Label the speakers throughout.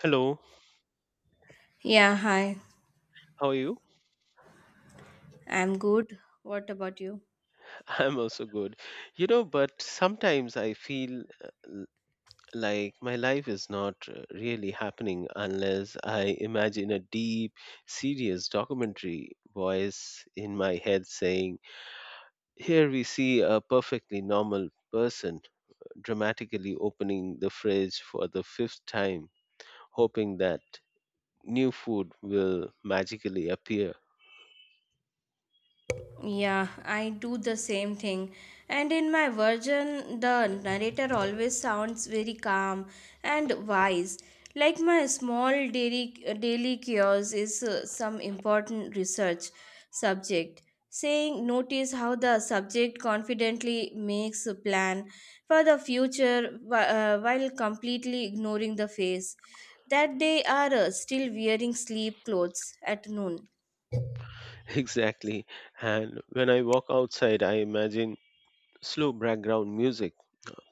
Speaker 1: Hello,
Speaker 2: Yeah, hi.
Speaker 1: how are you?
Speaker 2: I'm good. What about you?
Speaker 1: I'm also good. You know, but sometimes I feel like my life is not really happening unless I imagine a deep, serious documentary voice in my head saying, here we see a perfectly normal person dramatically opening the fridge for the fifth time, hoping that new food will magically appear.
Speaker 2: Yeah, I do the same thing. And in my version, the narrator always sounds very calm and wise. Like my small daily cures is some important research subject. Saying, notice how the subject confidently makes a plan for the future while completely ignoring the face. That they are still wearing sleep clothes at noon.
Speaker 1: Exactly. And when I walk outside, I imagine slow background music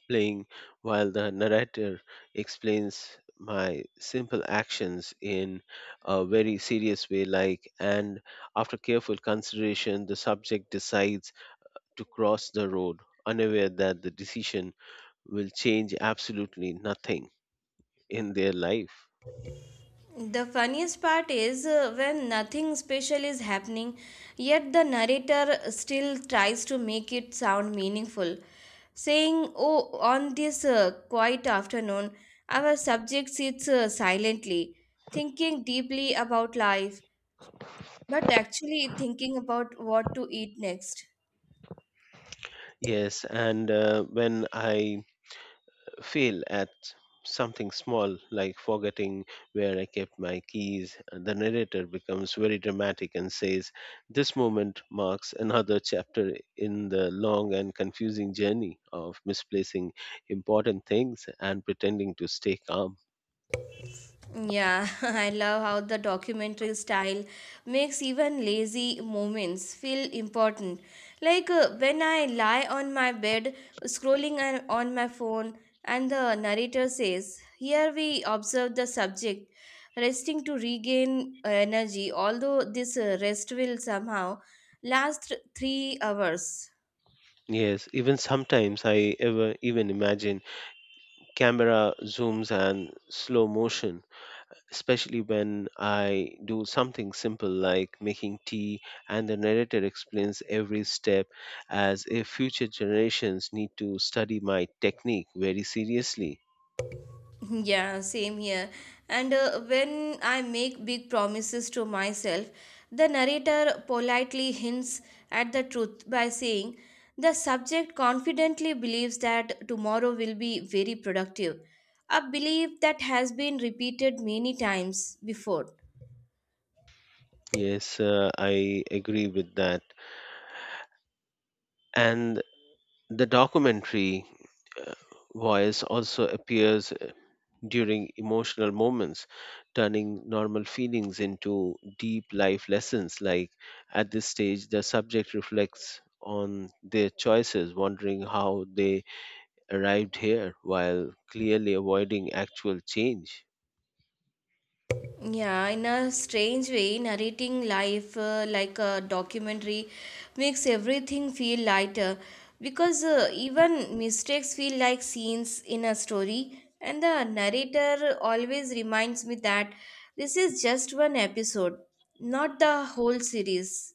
Speaker 1: playing while the narrator explains my simple actions in a very serious way, like, and after careful consideration, the subject decides to cross the road, unaware that the decision will change absolutely nothing in their life.
Speaker 2: The funniest part is when nothing special is happening, yet the narrator still tries to make it sound meaningful, saying, oh, on this quiet afternoon, our subject sits silently, thinking deeply about life, but actually thinking about what to eat next.
Speaker 1: Yes, and when I fail at something small, like forgetting where I kept my keys, and the narrator becomes very dramatic and says, this moment marks another chapter in the long and confusing journey of misplacing important things and pretending to stay calm.
Speaker 2: Yeah, I love how the documentary style makes even lazy moments feel important. Like when I lie on my bed scrolling on my phone and the narrator says, here we observe the subject resting to regain energy, although this rest will somehow last 3 hours.
Speaker 1: Yes, even sometimes I ever even imagine camera zooms and slow motion, especially when I do something simple like making tea, and the narrator explains every step as if future generations need to study my technique very seriously.
Speaker 2: Yeah, same here. And when I make big promises to myself, the narrator politely hints at the truth by saying, the subject confidently believes that tomorrow will be very productive, a belief that has been repeated many times before.
Speaker 1: Yes, I agree with that. And the documentary uh, voice also appears during emotional moments, turning normal feelings into deep life lessons. Like, at this stage, the subject reflects on their choices, wondering how they arrived here while clearly avoiding actual change.
Speaker 2: Yeah, in a strange way, narrating life like a documentary makes everything feel lighter because even mistakes feel like scenes in a story, and the narrator always reminds me that this is just one episode, not the whole series.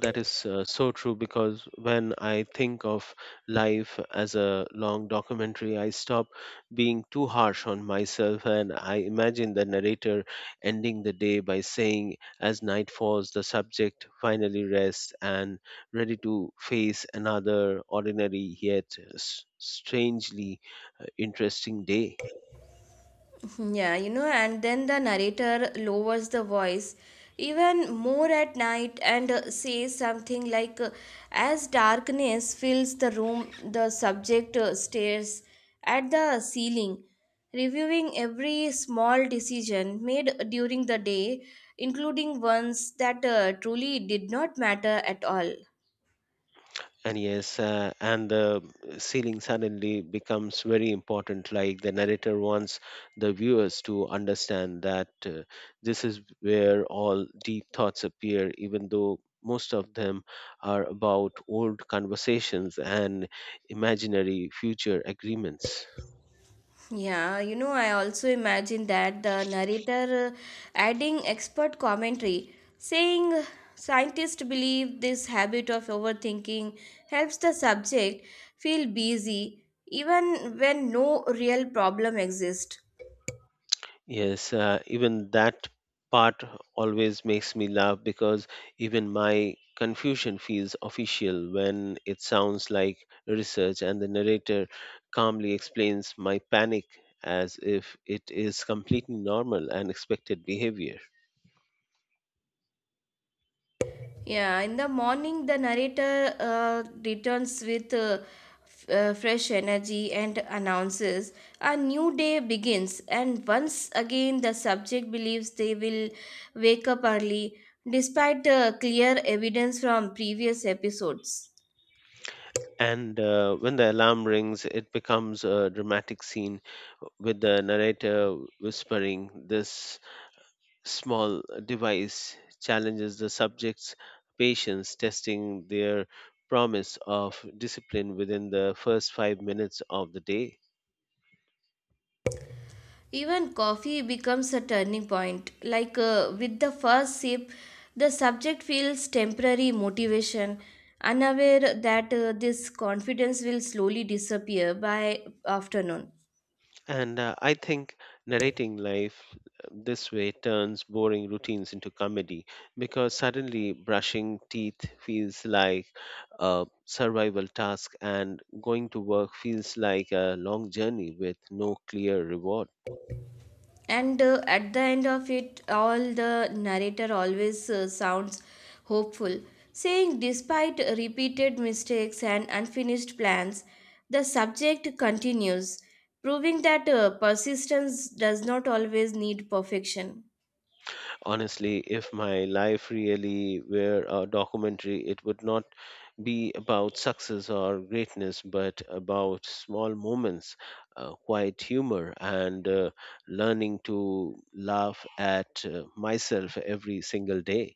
Speaker 1: That is so true, because when I think of life as a long documentary, I stop being too harsh on myself, and I imagine the narrator ending the day by saying, as night falls, the subject finally rests and ready to face another ordinary yet strangely interesting day.
Speaker 2: Yeah, and then the narrator lowers the voice even more at night and says something like, as darkness fills the room, the subject stares at the ceiling, reviewing every small decision made during the day, including ones that truly did not matter at all.
Speaker 1: And yes, and the ceiling suddenly becomes very important. Like, the narrator wants the viewers to understand that this is where all deep thoughts appear, even though most of them are about old conversations and imaginary future agreements.
Speaker 2: Yeah, I also imagine that the narrator adding expert commentary, saying scientists believe this habit of overthinking helps the subject feel busy even when no real problem exists.
Speaker 1: Yes, even that part always makes me laugh, because even my confusion feels official when it sounds like research, and the narrator calmly explains my panic as if it is completely normal and expected behavior.
Speaker 2: Yeah, in the morning, the narrator returns with fresh energy and announces a new day begins. And once again, the subject believes they will wake up early, despite clear evidence from previous episodes.
Speaker 1: And when the alarm rings, it becomes a dramatic scene, with the narrator whispering, this small device challenges the subject's patience, testing their promise of discipline within the first 5 minutes of the day.
Speaker 2: Even coffee becomes a turning point. Like with the first sip, the subject feels temporary motivation, unaware that this confidence will slowly disappear by afternoon.
Speaker 1: And I think narrating life this way turns boring routines into comedy, because suddenly brushing teeth feels like a survival task and going to work feels like a long journey with no clear reward.
Speaker 2: And at the end of it, all the narrator always sounds hopeful, saying, despite repeated mistakes and unfinished plans, the subject continues, proving that persistence does not always need perfection.
Speaker 1: Honestly, if my life really were a documentary, it would not be about success or greatness, but about small moments, quiet humor, and learning to laugh at myself every single day.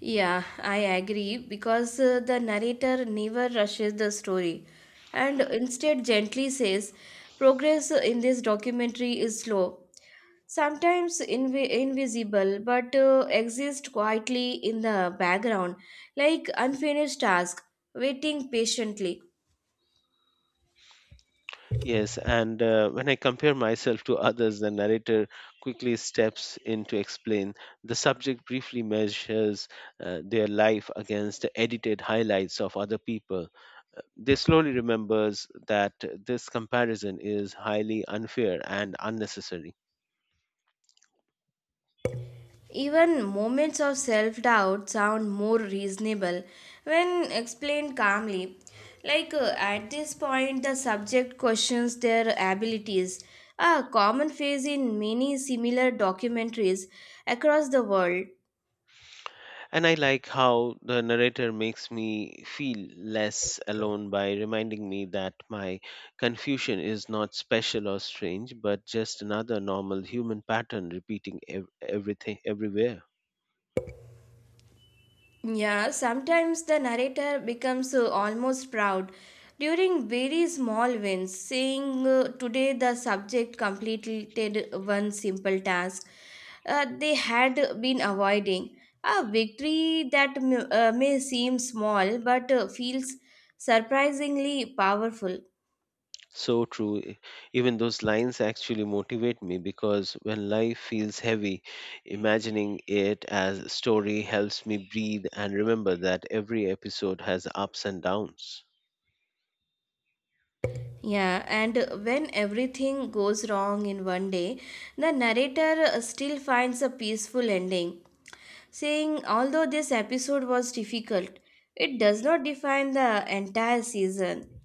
Speaker 2: Yeah, I agree because the narrator never rushes the story and instead gently says progress in this documentary is slow, sometimes invisible but exists quietly in the background like unfinished task waiting patiently.
Speaker 1: Yes, and when I compare myself to others, the narrator quickly steps in to explain. The subject briefly measures their life against the edited highlights of other people. They slowly remembers that this comparison is highly unfair and unnecessary.
Speaker 2: Even moments of self doubt sound more reasonable when explained calmly. Like at this point, the subject questions their abilities, a common phase in many similar documentaries across the world.
Speaker 1: And I like how the narrator makes me feel less alone by reminding me that my confusion is not special or strange, but just another normal human pattern repeating everything everywhere.
Speaker 2: Yeah, sometimes the narrator becomes almost proud during very small wins, saying, today the subject completed one simple task they had been avoiding. A victory that may seem small but feels surprisingly powerful.
Speaker 1: So true. Even those lines actually motivate me, because when life feels heavy, imagining it as a story helps me breathe and remember that every episode has ups and downs.
Speaker 2: Yeah, and when everything goes wrong in one day, the narrator still finds a peaceful ending saying although this episode was difficult, it does not define the entire season.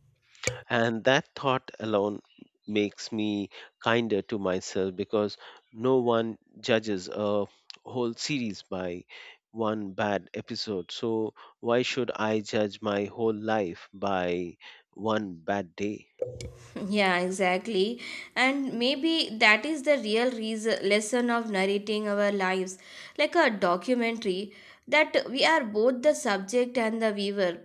Speaker 1: And that thought alone makes me kinder to myself, because no one judges a whole series by one bad episode. So why should I judge my whole life by one bad day?
Speaker 2: Yeah, exactly. And maybe that is the real reason, lesson of narrating our lives like a documentary that we are both the subject and the viewer,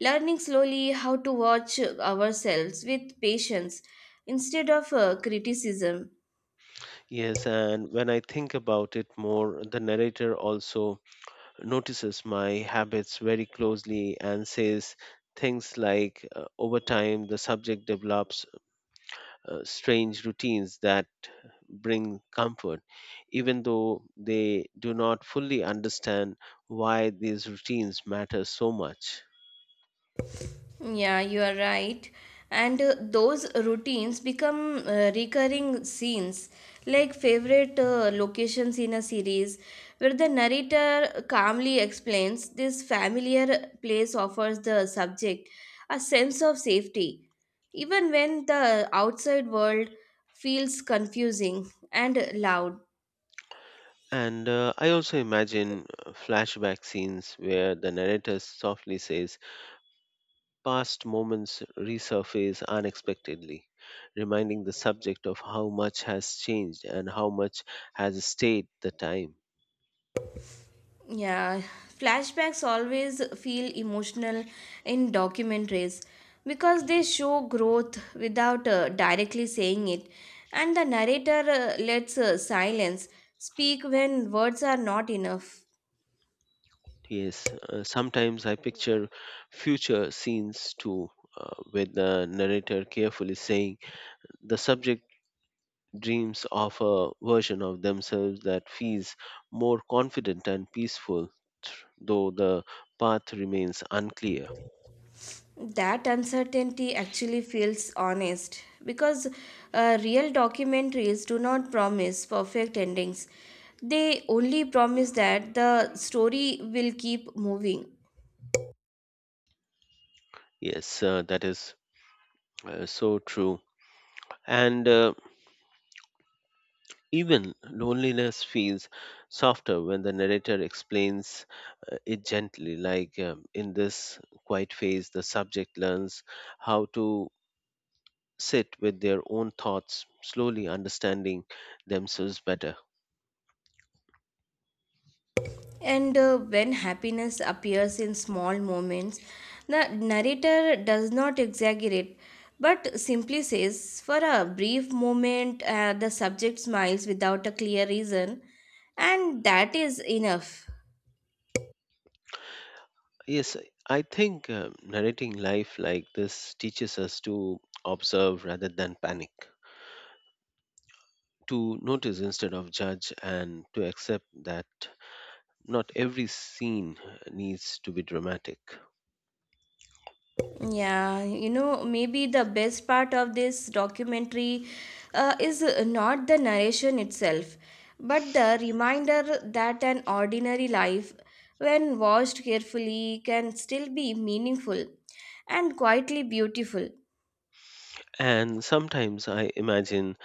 Speaker 2: learning slowly how to watch ourselves with patience instead of criticism.
Speaker 1: Yes, and when I think about it more, the narrator also notices my habits very closely and says things like, over time, the subject develops strange routines that bring comfort, even though they do not fully understand why these routines matter so much.
Speaker 2: Yeah, you are right. And those routines become recurring scenes, like favorite locations in a series, where the narrator calmly explains this familiar place offers the subject a sense of safety, even when the outside world feels confusing and loud.
Speaker 1: And I also imagine flashback scenes where the narrator softly says, past moments resurface unexpectedly, reminding the subject of how much has changed and how much has stayed the time.
Speaker 2: Yeah, flashbacks always feel emotional in documentaries because they show growth without directly saying it, and the narrator lets silence speak when words are not enough.
Speaker 1: Yes, sometimes I picture future scenes too, with the narrator carefully saying the subject dreams of a version of themselves that feels more confident and peaceful, though the path remains unclear.
Speaker 2: That uncertainty actually feels honest because real documentaries do not promise perfect endings, they only promise that the story will keep moving.
Speaker 1: Yes, that is so true. And even loneliness feels softer when the narrator explains it gently, like, in this quiet phase, the subject learns how to sit with their own thoughts, slowly understanding themselves better.
Speaker 2: And when happiness appears in small moments, the narrator does not exaggerate but simply says, for a brief moment, the subject smiles without a clear reason, and that is enough.
Speaker 1: Yes, I think narrating life like this teaches us to observe rather than panic, to notice instead of judge, and to accept that not every scene needs to be dramatic.
Speaker 2: Yeah, maybe the best part of this documentary is not the narration itself, but the reminder that an ordinary life, when watched carefully, can still be meaningful and quietly beautiful.
Speaker 1: And sometimes I imagine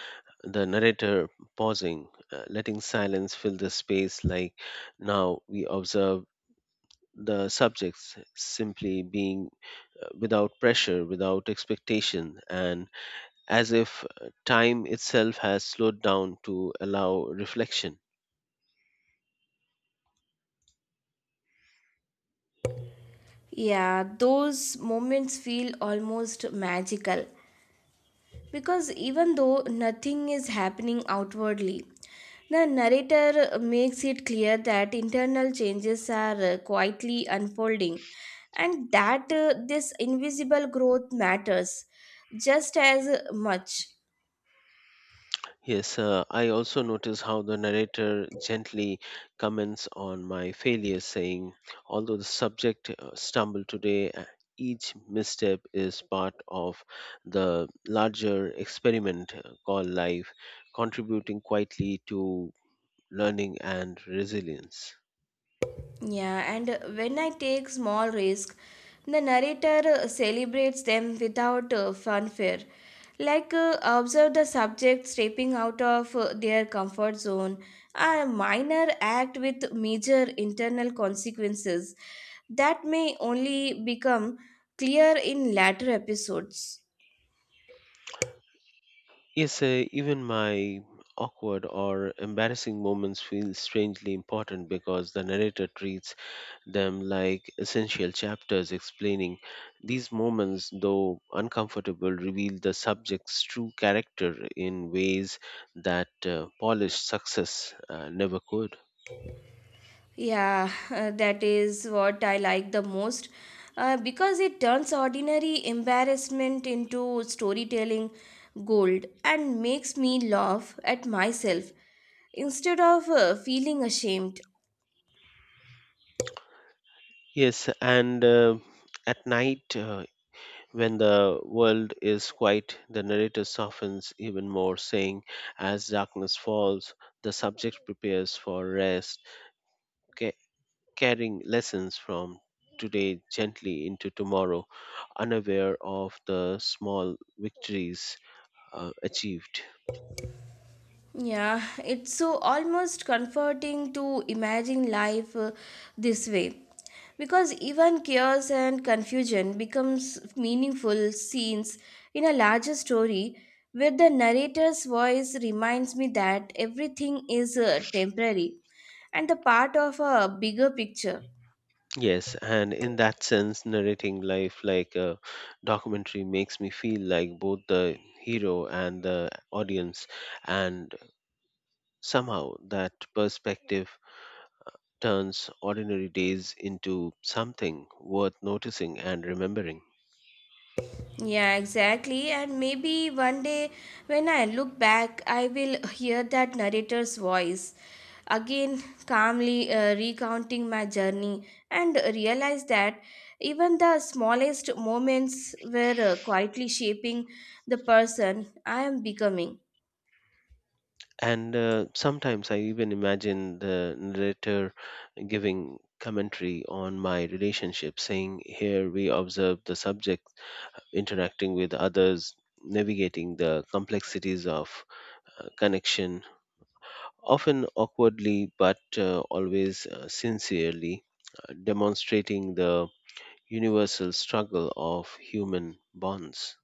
Speaker 1: the narrator pausing, letting silence fill the space, like, now we observe the subjects simply being without pressure, without expectation, and as if time itself has slowed down to allow reflection.
Speaker 2: Yeah, those moments feel almost magical because even though nothing is happening outwardly, the narrator makes it clear that internal changes are quietly unfolding and that this invisible growth matters just as much.
Speaker 1: Yes, I also notice how the narrator gently comments on my failures, saying, although the subject stumbled today, each misstep is part of the larger experiment called life, contributing quietly to learning and resilience.
Speaker 2: Yeah, and when I take small risk, the narrator celebrates them without fanfare. Like observe the subject stepping out of their comfort zone, a minor act with major internal consequences that may only become clear in later episodes.
Speaker 1: Yes, even my awkward or embarrassing moments feel strangely important, because the narrator treats them like essential chapters, explaining these moments, though uncomfortable, reveal the subject's true character in ways that polished success never could.
Speaker 2: Yeah, that is what I like the most because it turns ordinary embarrassment into storytelling gold and makes me laugh at myself instead of feeling ashamed.
Speaker 1: Yes, and at night, when the world is quiet, the narrator softens even more, saying, as darkness falls, the subject prepares for rest. Okay, carrying lessons from today gently into tomorrow, unaware of the small victories achieved.
Speaker 2: Yeah, it's so almost comforting to imagine life this way. Because even chaos and confusion becomes meaningful scenes in a larger story where the narrator's voice reminds me that everything is temporary and the part of a bigger picture.
Speaker 1: Yes, and in that sense, narrating life like a documentary makes me feel like both the hero and the audience, and somehow that perspective turns ordinary days into something worth noticing and remembering.
Speaker 2: Yeah, exactly. And maybe one day when I look back, I will hear that narrator's voice again, calmly recounting my journey and realize that even the smallest moments were quietly shaping the person I am becoming.
Speaker 1: And sometimes I even imagine the narrator giving commentary on my relationship, saying, here we observe the subject interacting with others, navigating the complexities of connection, often awkwardly but always sincerely, demonstrating the universal struggle of human bonds.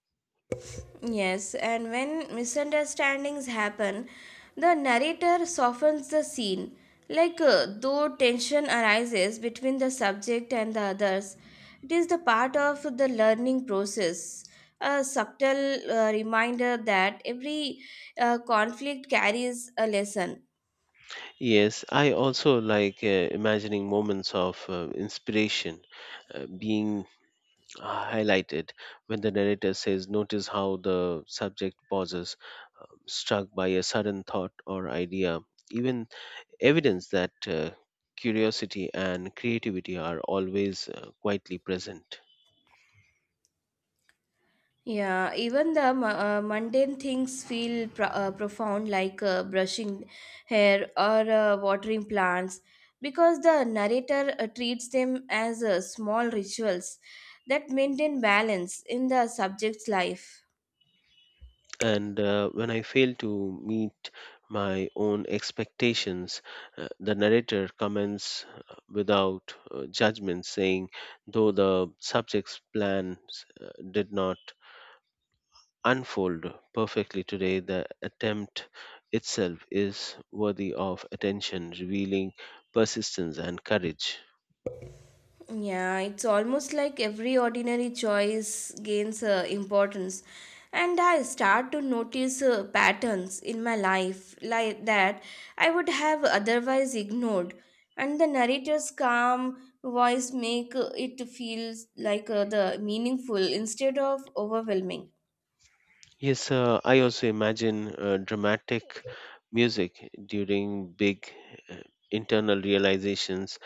Speaker 2: Yes, and when misunderstandings happen, the narrator softens the scene. Like though tension arises between the subject and the others, it is the part of the learning process. A subtle reminder that every conflict carries a lesson.
Speaker 1: Yes, I also like imagining moments of inspiration being highlighted when the narrator says, notice how the subject pauses, struck by a sudden thought or idea. Even evidence that curiosity and creativity are always quietly present.
Speaker 2: Yeah, even the mundane things feel profound, like brushing hair or watering plants, because the narrator treats them as small rituals that maintain balance in the subject's life.
Speaker 1: And when I fail to meet my own expectations, the narrator comments without judgment, saying, though the subject's plans did not unfold perfectly today, the attempt itself is worthy of attention, revealing persistence and courage.
Speaker 2: Yeah, it's almost like every ordinary choice gains importance. And I start to notice patterns in my life like that I would have otherwise ignored. And the narrator's calm voice make it feel like the meaningful instead of overwhelming.
Speaker 1: Yes, I also imagine dramatic music during big uh, internal realizations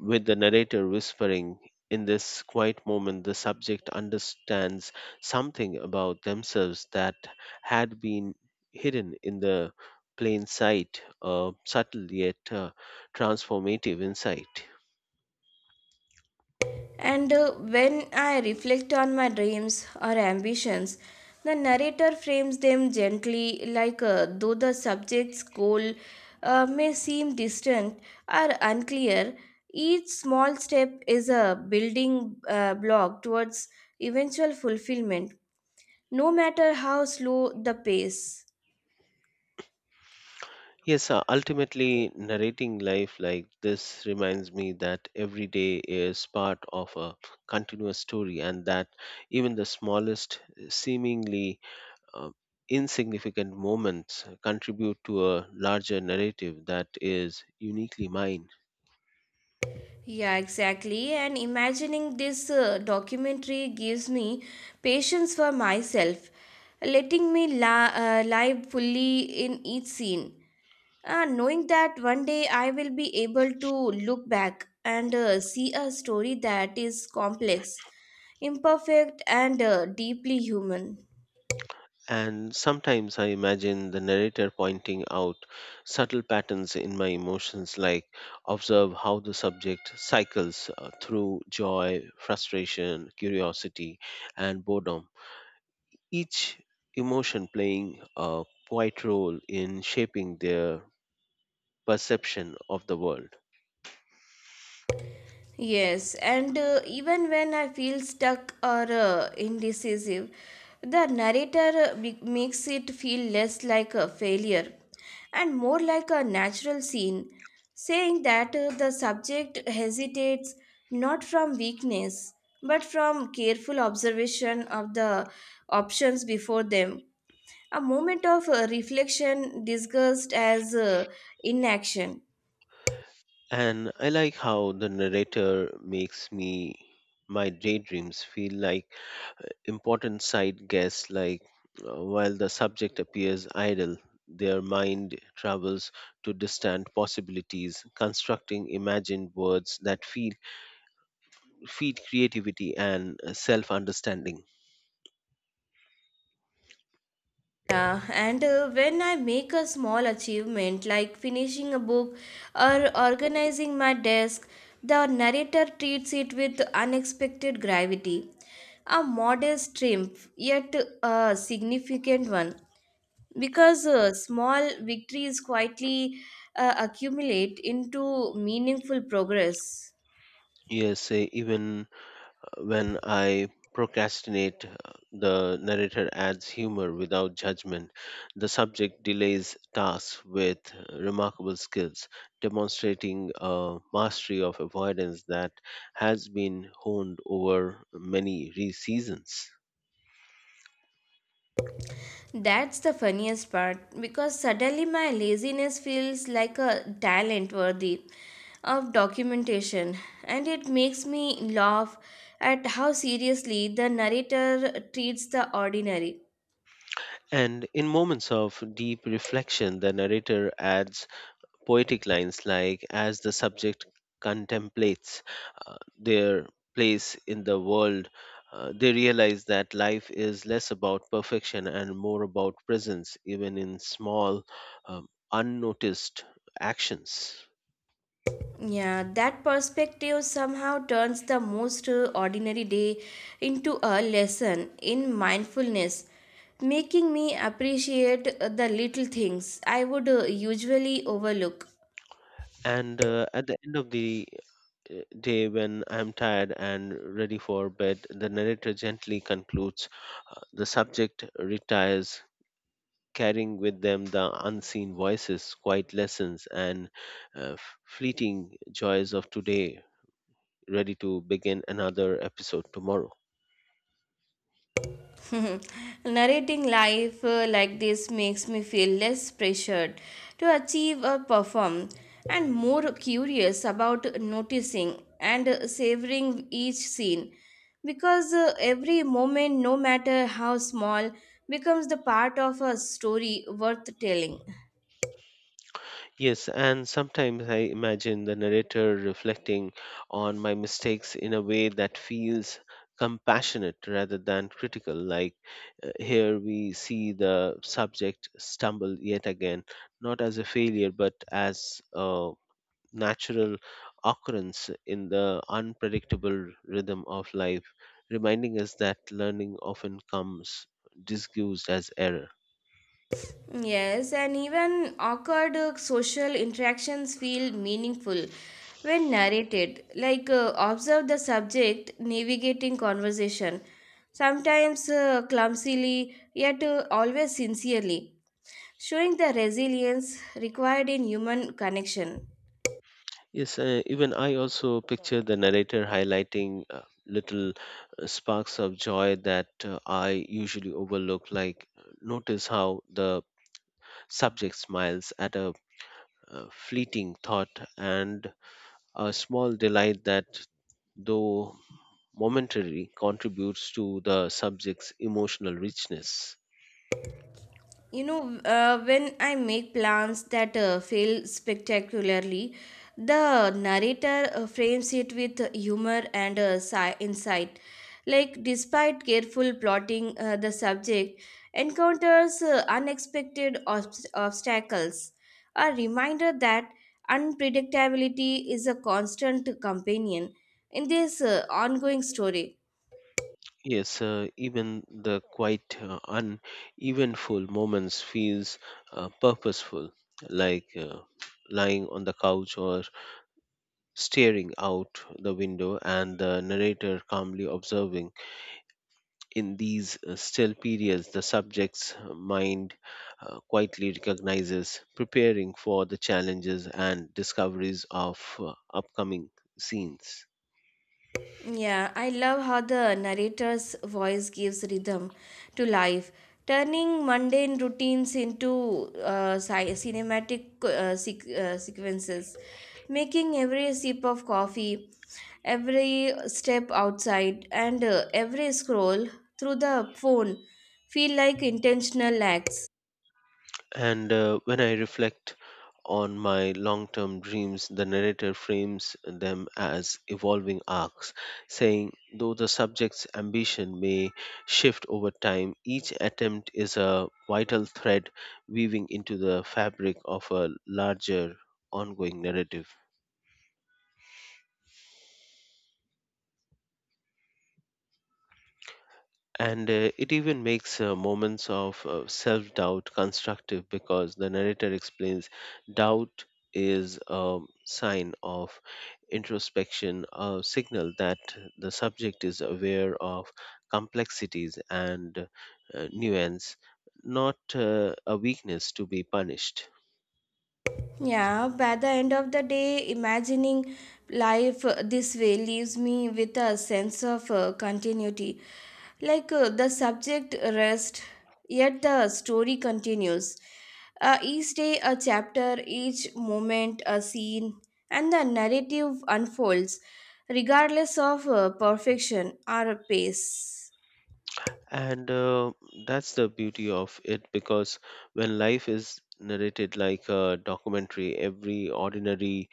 Speaker 1: with the narrator whispering, in this quiet moment, the subject understands something about themselves that had been hidden in the plain sight, a subtle yet transformative insight.
Speaker 2: And when I reflect on my dreams or ambitions, the narrator frames them gently, like though the subject's goal may seem distant or unclear, each small step is a building block towards eventual fulfillment, no matter how slow the pace.
Speaker 1: Yes, ultimately, narrating life like this reminds me that every day is part of a continuous story, and that even the smallest, seemingly uh, insignificant moments contribute to a larger narrative that is uniquely mine.
Speaker 2: Yeah, exactly. And imagining this documentary gives me patience for myself, letting me live fully in each scene. Knowing that one day I will be able to look back and see a story that is complex, imperfect, and deeply human.
Speaker 1: And sometimes I imagine the narrator pointing out subtle patterns in my emotions, like, observe how the subject cycles through joy, frustration, curiosity, and boredom, each emotion playing a quiet role in shaping their perception of the world.
Speaker 2: Yes, and even when I feel stuck or indecisive, the narrator makes it feel less like a failure and more like a natural scene, saying that the subject hesitates not from weakness but from careful observation of the options before them, a moment of reflection disguised as inaction.
Speaker 1: And I like how the narrator makes me my daydreams feel like important side guess, like, while the subject appears idle, their mind travels to distant possibilities, constructing imagined words that feed creativity and self understanding.
Speaker 2: Yeah, and when I make a small achievement like finishing a book or organizing my desk, the narrator treats it with unexpected gravity. A modest triumph, yet a significant one, because small victories quietly accumulate into meaningful progress.
Speaker 1: Yes, even when I procrastinate, the narrator adds humor without judgment. The subject delays tasks with remarkable skills, demonstrating a mastery of avoidance that has been honed over many seasons.
Speaker 2: That's the funniest part because suddenly my laziness feels like a talent worthy of documentation and it makes me laugh at how seriously the narrator treats the ordinary.
Speaker 1: And in moments of deep reflection, the narrator adds poetic lines like, as the subject contemplates their place in the world, they realize that life is less about perfection and more about presence, even in small, unnoticed actions.
Speaker 2: Yeah, that perspective somehow turns the most ordinary day into a lesson in mindfulness, making me appreciate the little things I would usually overlook.
Speaker 1: And at the end of the day, when I'm tired and ready for bed, the narrator gently concludes the subject retires, carrying with them the unseen voices, quiet lessons, and uh, fleeting joys of today, ready to begin another episode tomorrow.
Speaker 2: Narrating life like this makes me feel less pressured to achieve or perform and more curious about noticing and savoring each scene because every moment, no matter how small, becomes the part of a story worth telling.
Speaker 1: Yes, and sometimes I imagine the narrator reflecting on my mistakes in a way that feels compassionate rather than critical. Like, here we see the subject stumble yet again, not as a failure, but as a natural occurrence in the unpredictable rhythm of life, reminding us that learning often comes disguised as error.
Speaker 2: Yes, and even awkward social interactions feel meaningful when narrated. Like observe the subject navigating conversation, sometimes clumsily, yet always sincerely, showing the resilience required in human connection.
Speaker 1: Yes, even I also picture the narrator highlighting little sparks of joy that I usually overlook. Like, notice how the subject smiles at a fleeting thought and a small delight that, though momentary, contributes to the subject's emotional richness.
Speaker 2: you know when I make plans that fail spectacularly, the narrator frames it with humor and insight, like despite careful plotting, the subject encounters unexpected obstacles, a reminder that unpredictability is a constant companion in this ongoing story.
Speaker 1: Yes, even the quite uneventful moments feels purposeful, like lying on the couch or staring out the window, and the narrator calmly observing, in these still periods, the subject's mind quietly recognizes, preparing for the challenges and discoveries of upcoming scenes.
Speaker 2: Yeah, I love how the narrator's voice gives rhythm to life, turning mundane routines into cinematic sequences, making every sip of coffee, every step outside, and every scroll through the phone feel like intentional acts.
Speaker 1: And when I reflect on my long term dreams, the narrator frames them as evolving arcs, saying, though the subject's ambition may shift over time, each attempt is a vital thread weaving into the fabric of a larger ongoing narrative. And it even makes moments of self doubt constructive, because the narrator explains doubt is a sign of introspection, a signal that the subject is aware of complexities and nuance, not a weakness to be punished.
Speaker 2: Yeah, by the end of the day, imagining life this way leaves me with a sense of continuity. Like the subject rests, yet the story continues. Each day, a chapter, each moment, a scene, and the narrative unfolds, regardless of perfection or pace.
Speaker 1: And that's the beauty of it, because when life is narrated like a documentary, every ordinary,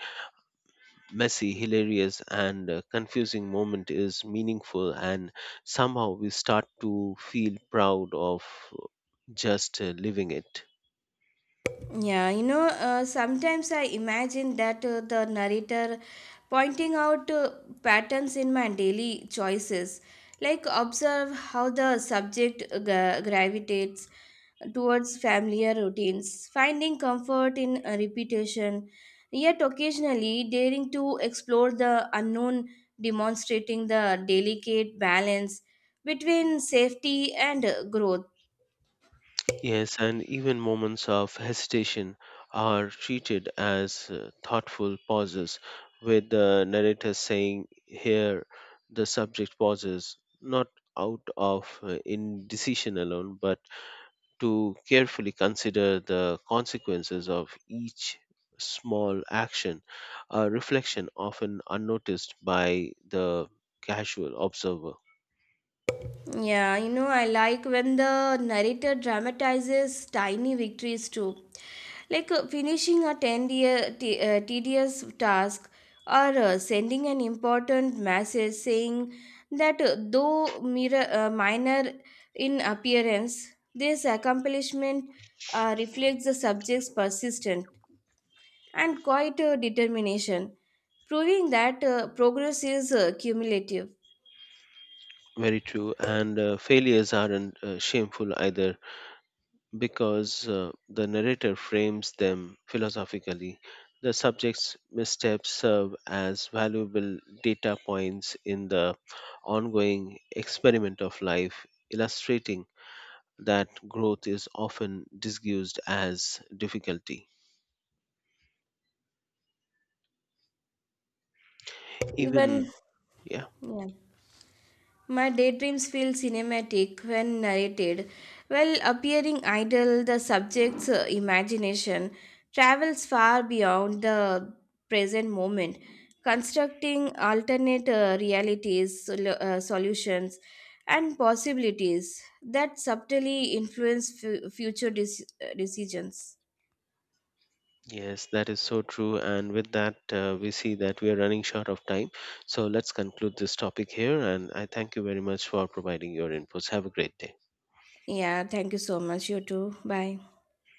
Speaker 1: messy, hilarious, and confusing moment is meaningful, and somehow we start to feel proud of just living it.
Speaker 2: Yeah, sometimes I imagine that the narrator pointing out patterns in my daily choices, like observe how the subject gravitates towards familiar routines, finding comfort in repetition, yet occasionally daring to explore the unknown, demonstrating the delicate balance between safety and growth.
Speaker 1: Yes, and even moments of hesitation are treated as thoughtful pauses, with the narrator saying, here the subject pauses, not out of indecision alone, but to carefully consider the consequences of each small action, a reflection often unnoticed by the casual observer.
Speaker 2: Yeah, I like when the narrator dramatizes tiny victories too, like finishing a 10 year, tedious task or sending an important message, saying that though minor in appearance, this accomplishment reflects the subject's persistent and quiet determination, proving that progress is cumulative.
Speaker 1: Very true. And failures aren't shameful either, because the narrator frames them philosophically. The subject's missteps serve as valuable data points in the ongoing experiment of life, illustrating that growth is often disguised as difficulty. Even,
Speaker 2: Even,
Speaker 1: yeah,
Speaker 2: yeah. My daydreams feel cinematic when narrated, while appearing idle, the subject's imagination travels far beyond the present moment, constructing alternate realities, solutions, and possibilities that subtly influence future decisions.
Speaker 1: yes, that is so true. And with that, we see that we are running short of time. So let's conclude this topic here. And I thank you very much for providing your inputs. Have a great day.
Speaker 2: Yeah, thank you so much. You too. Bye.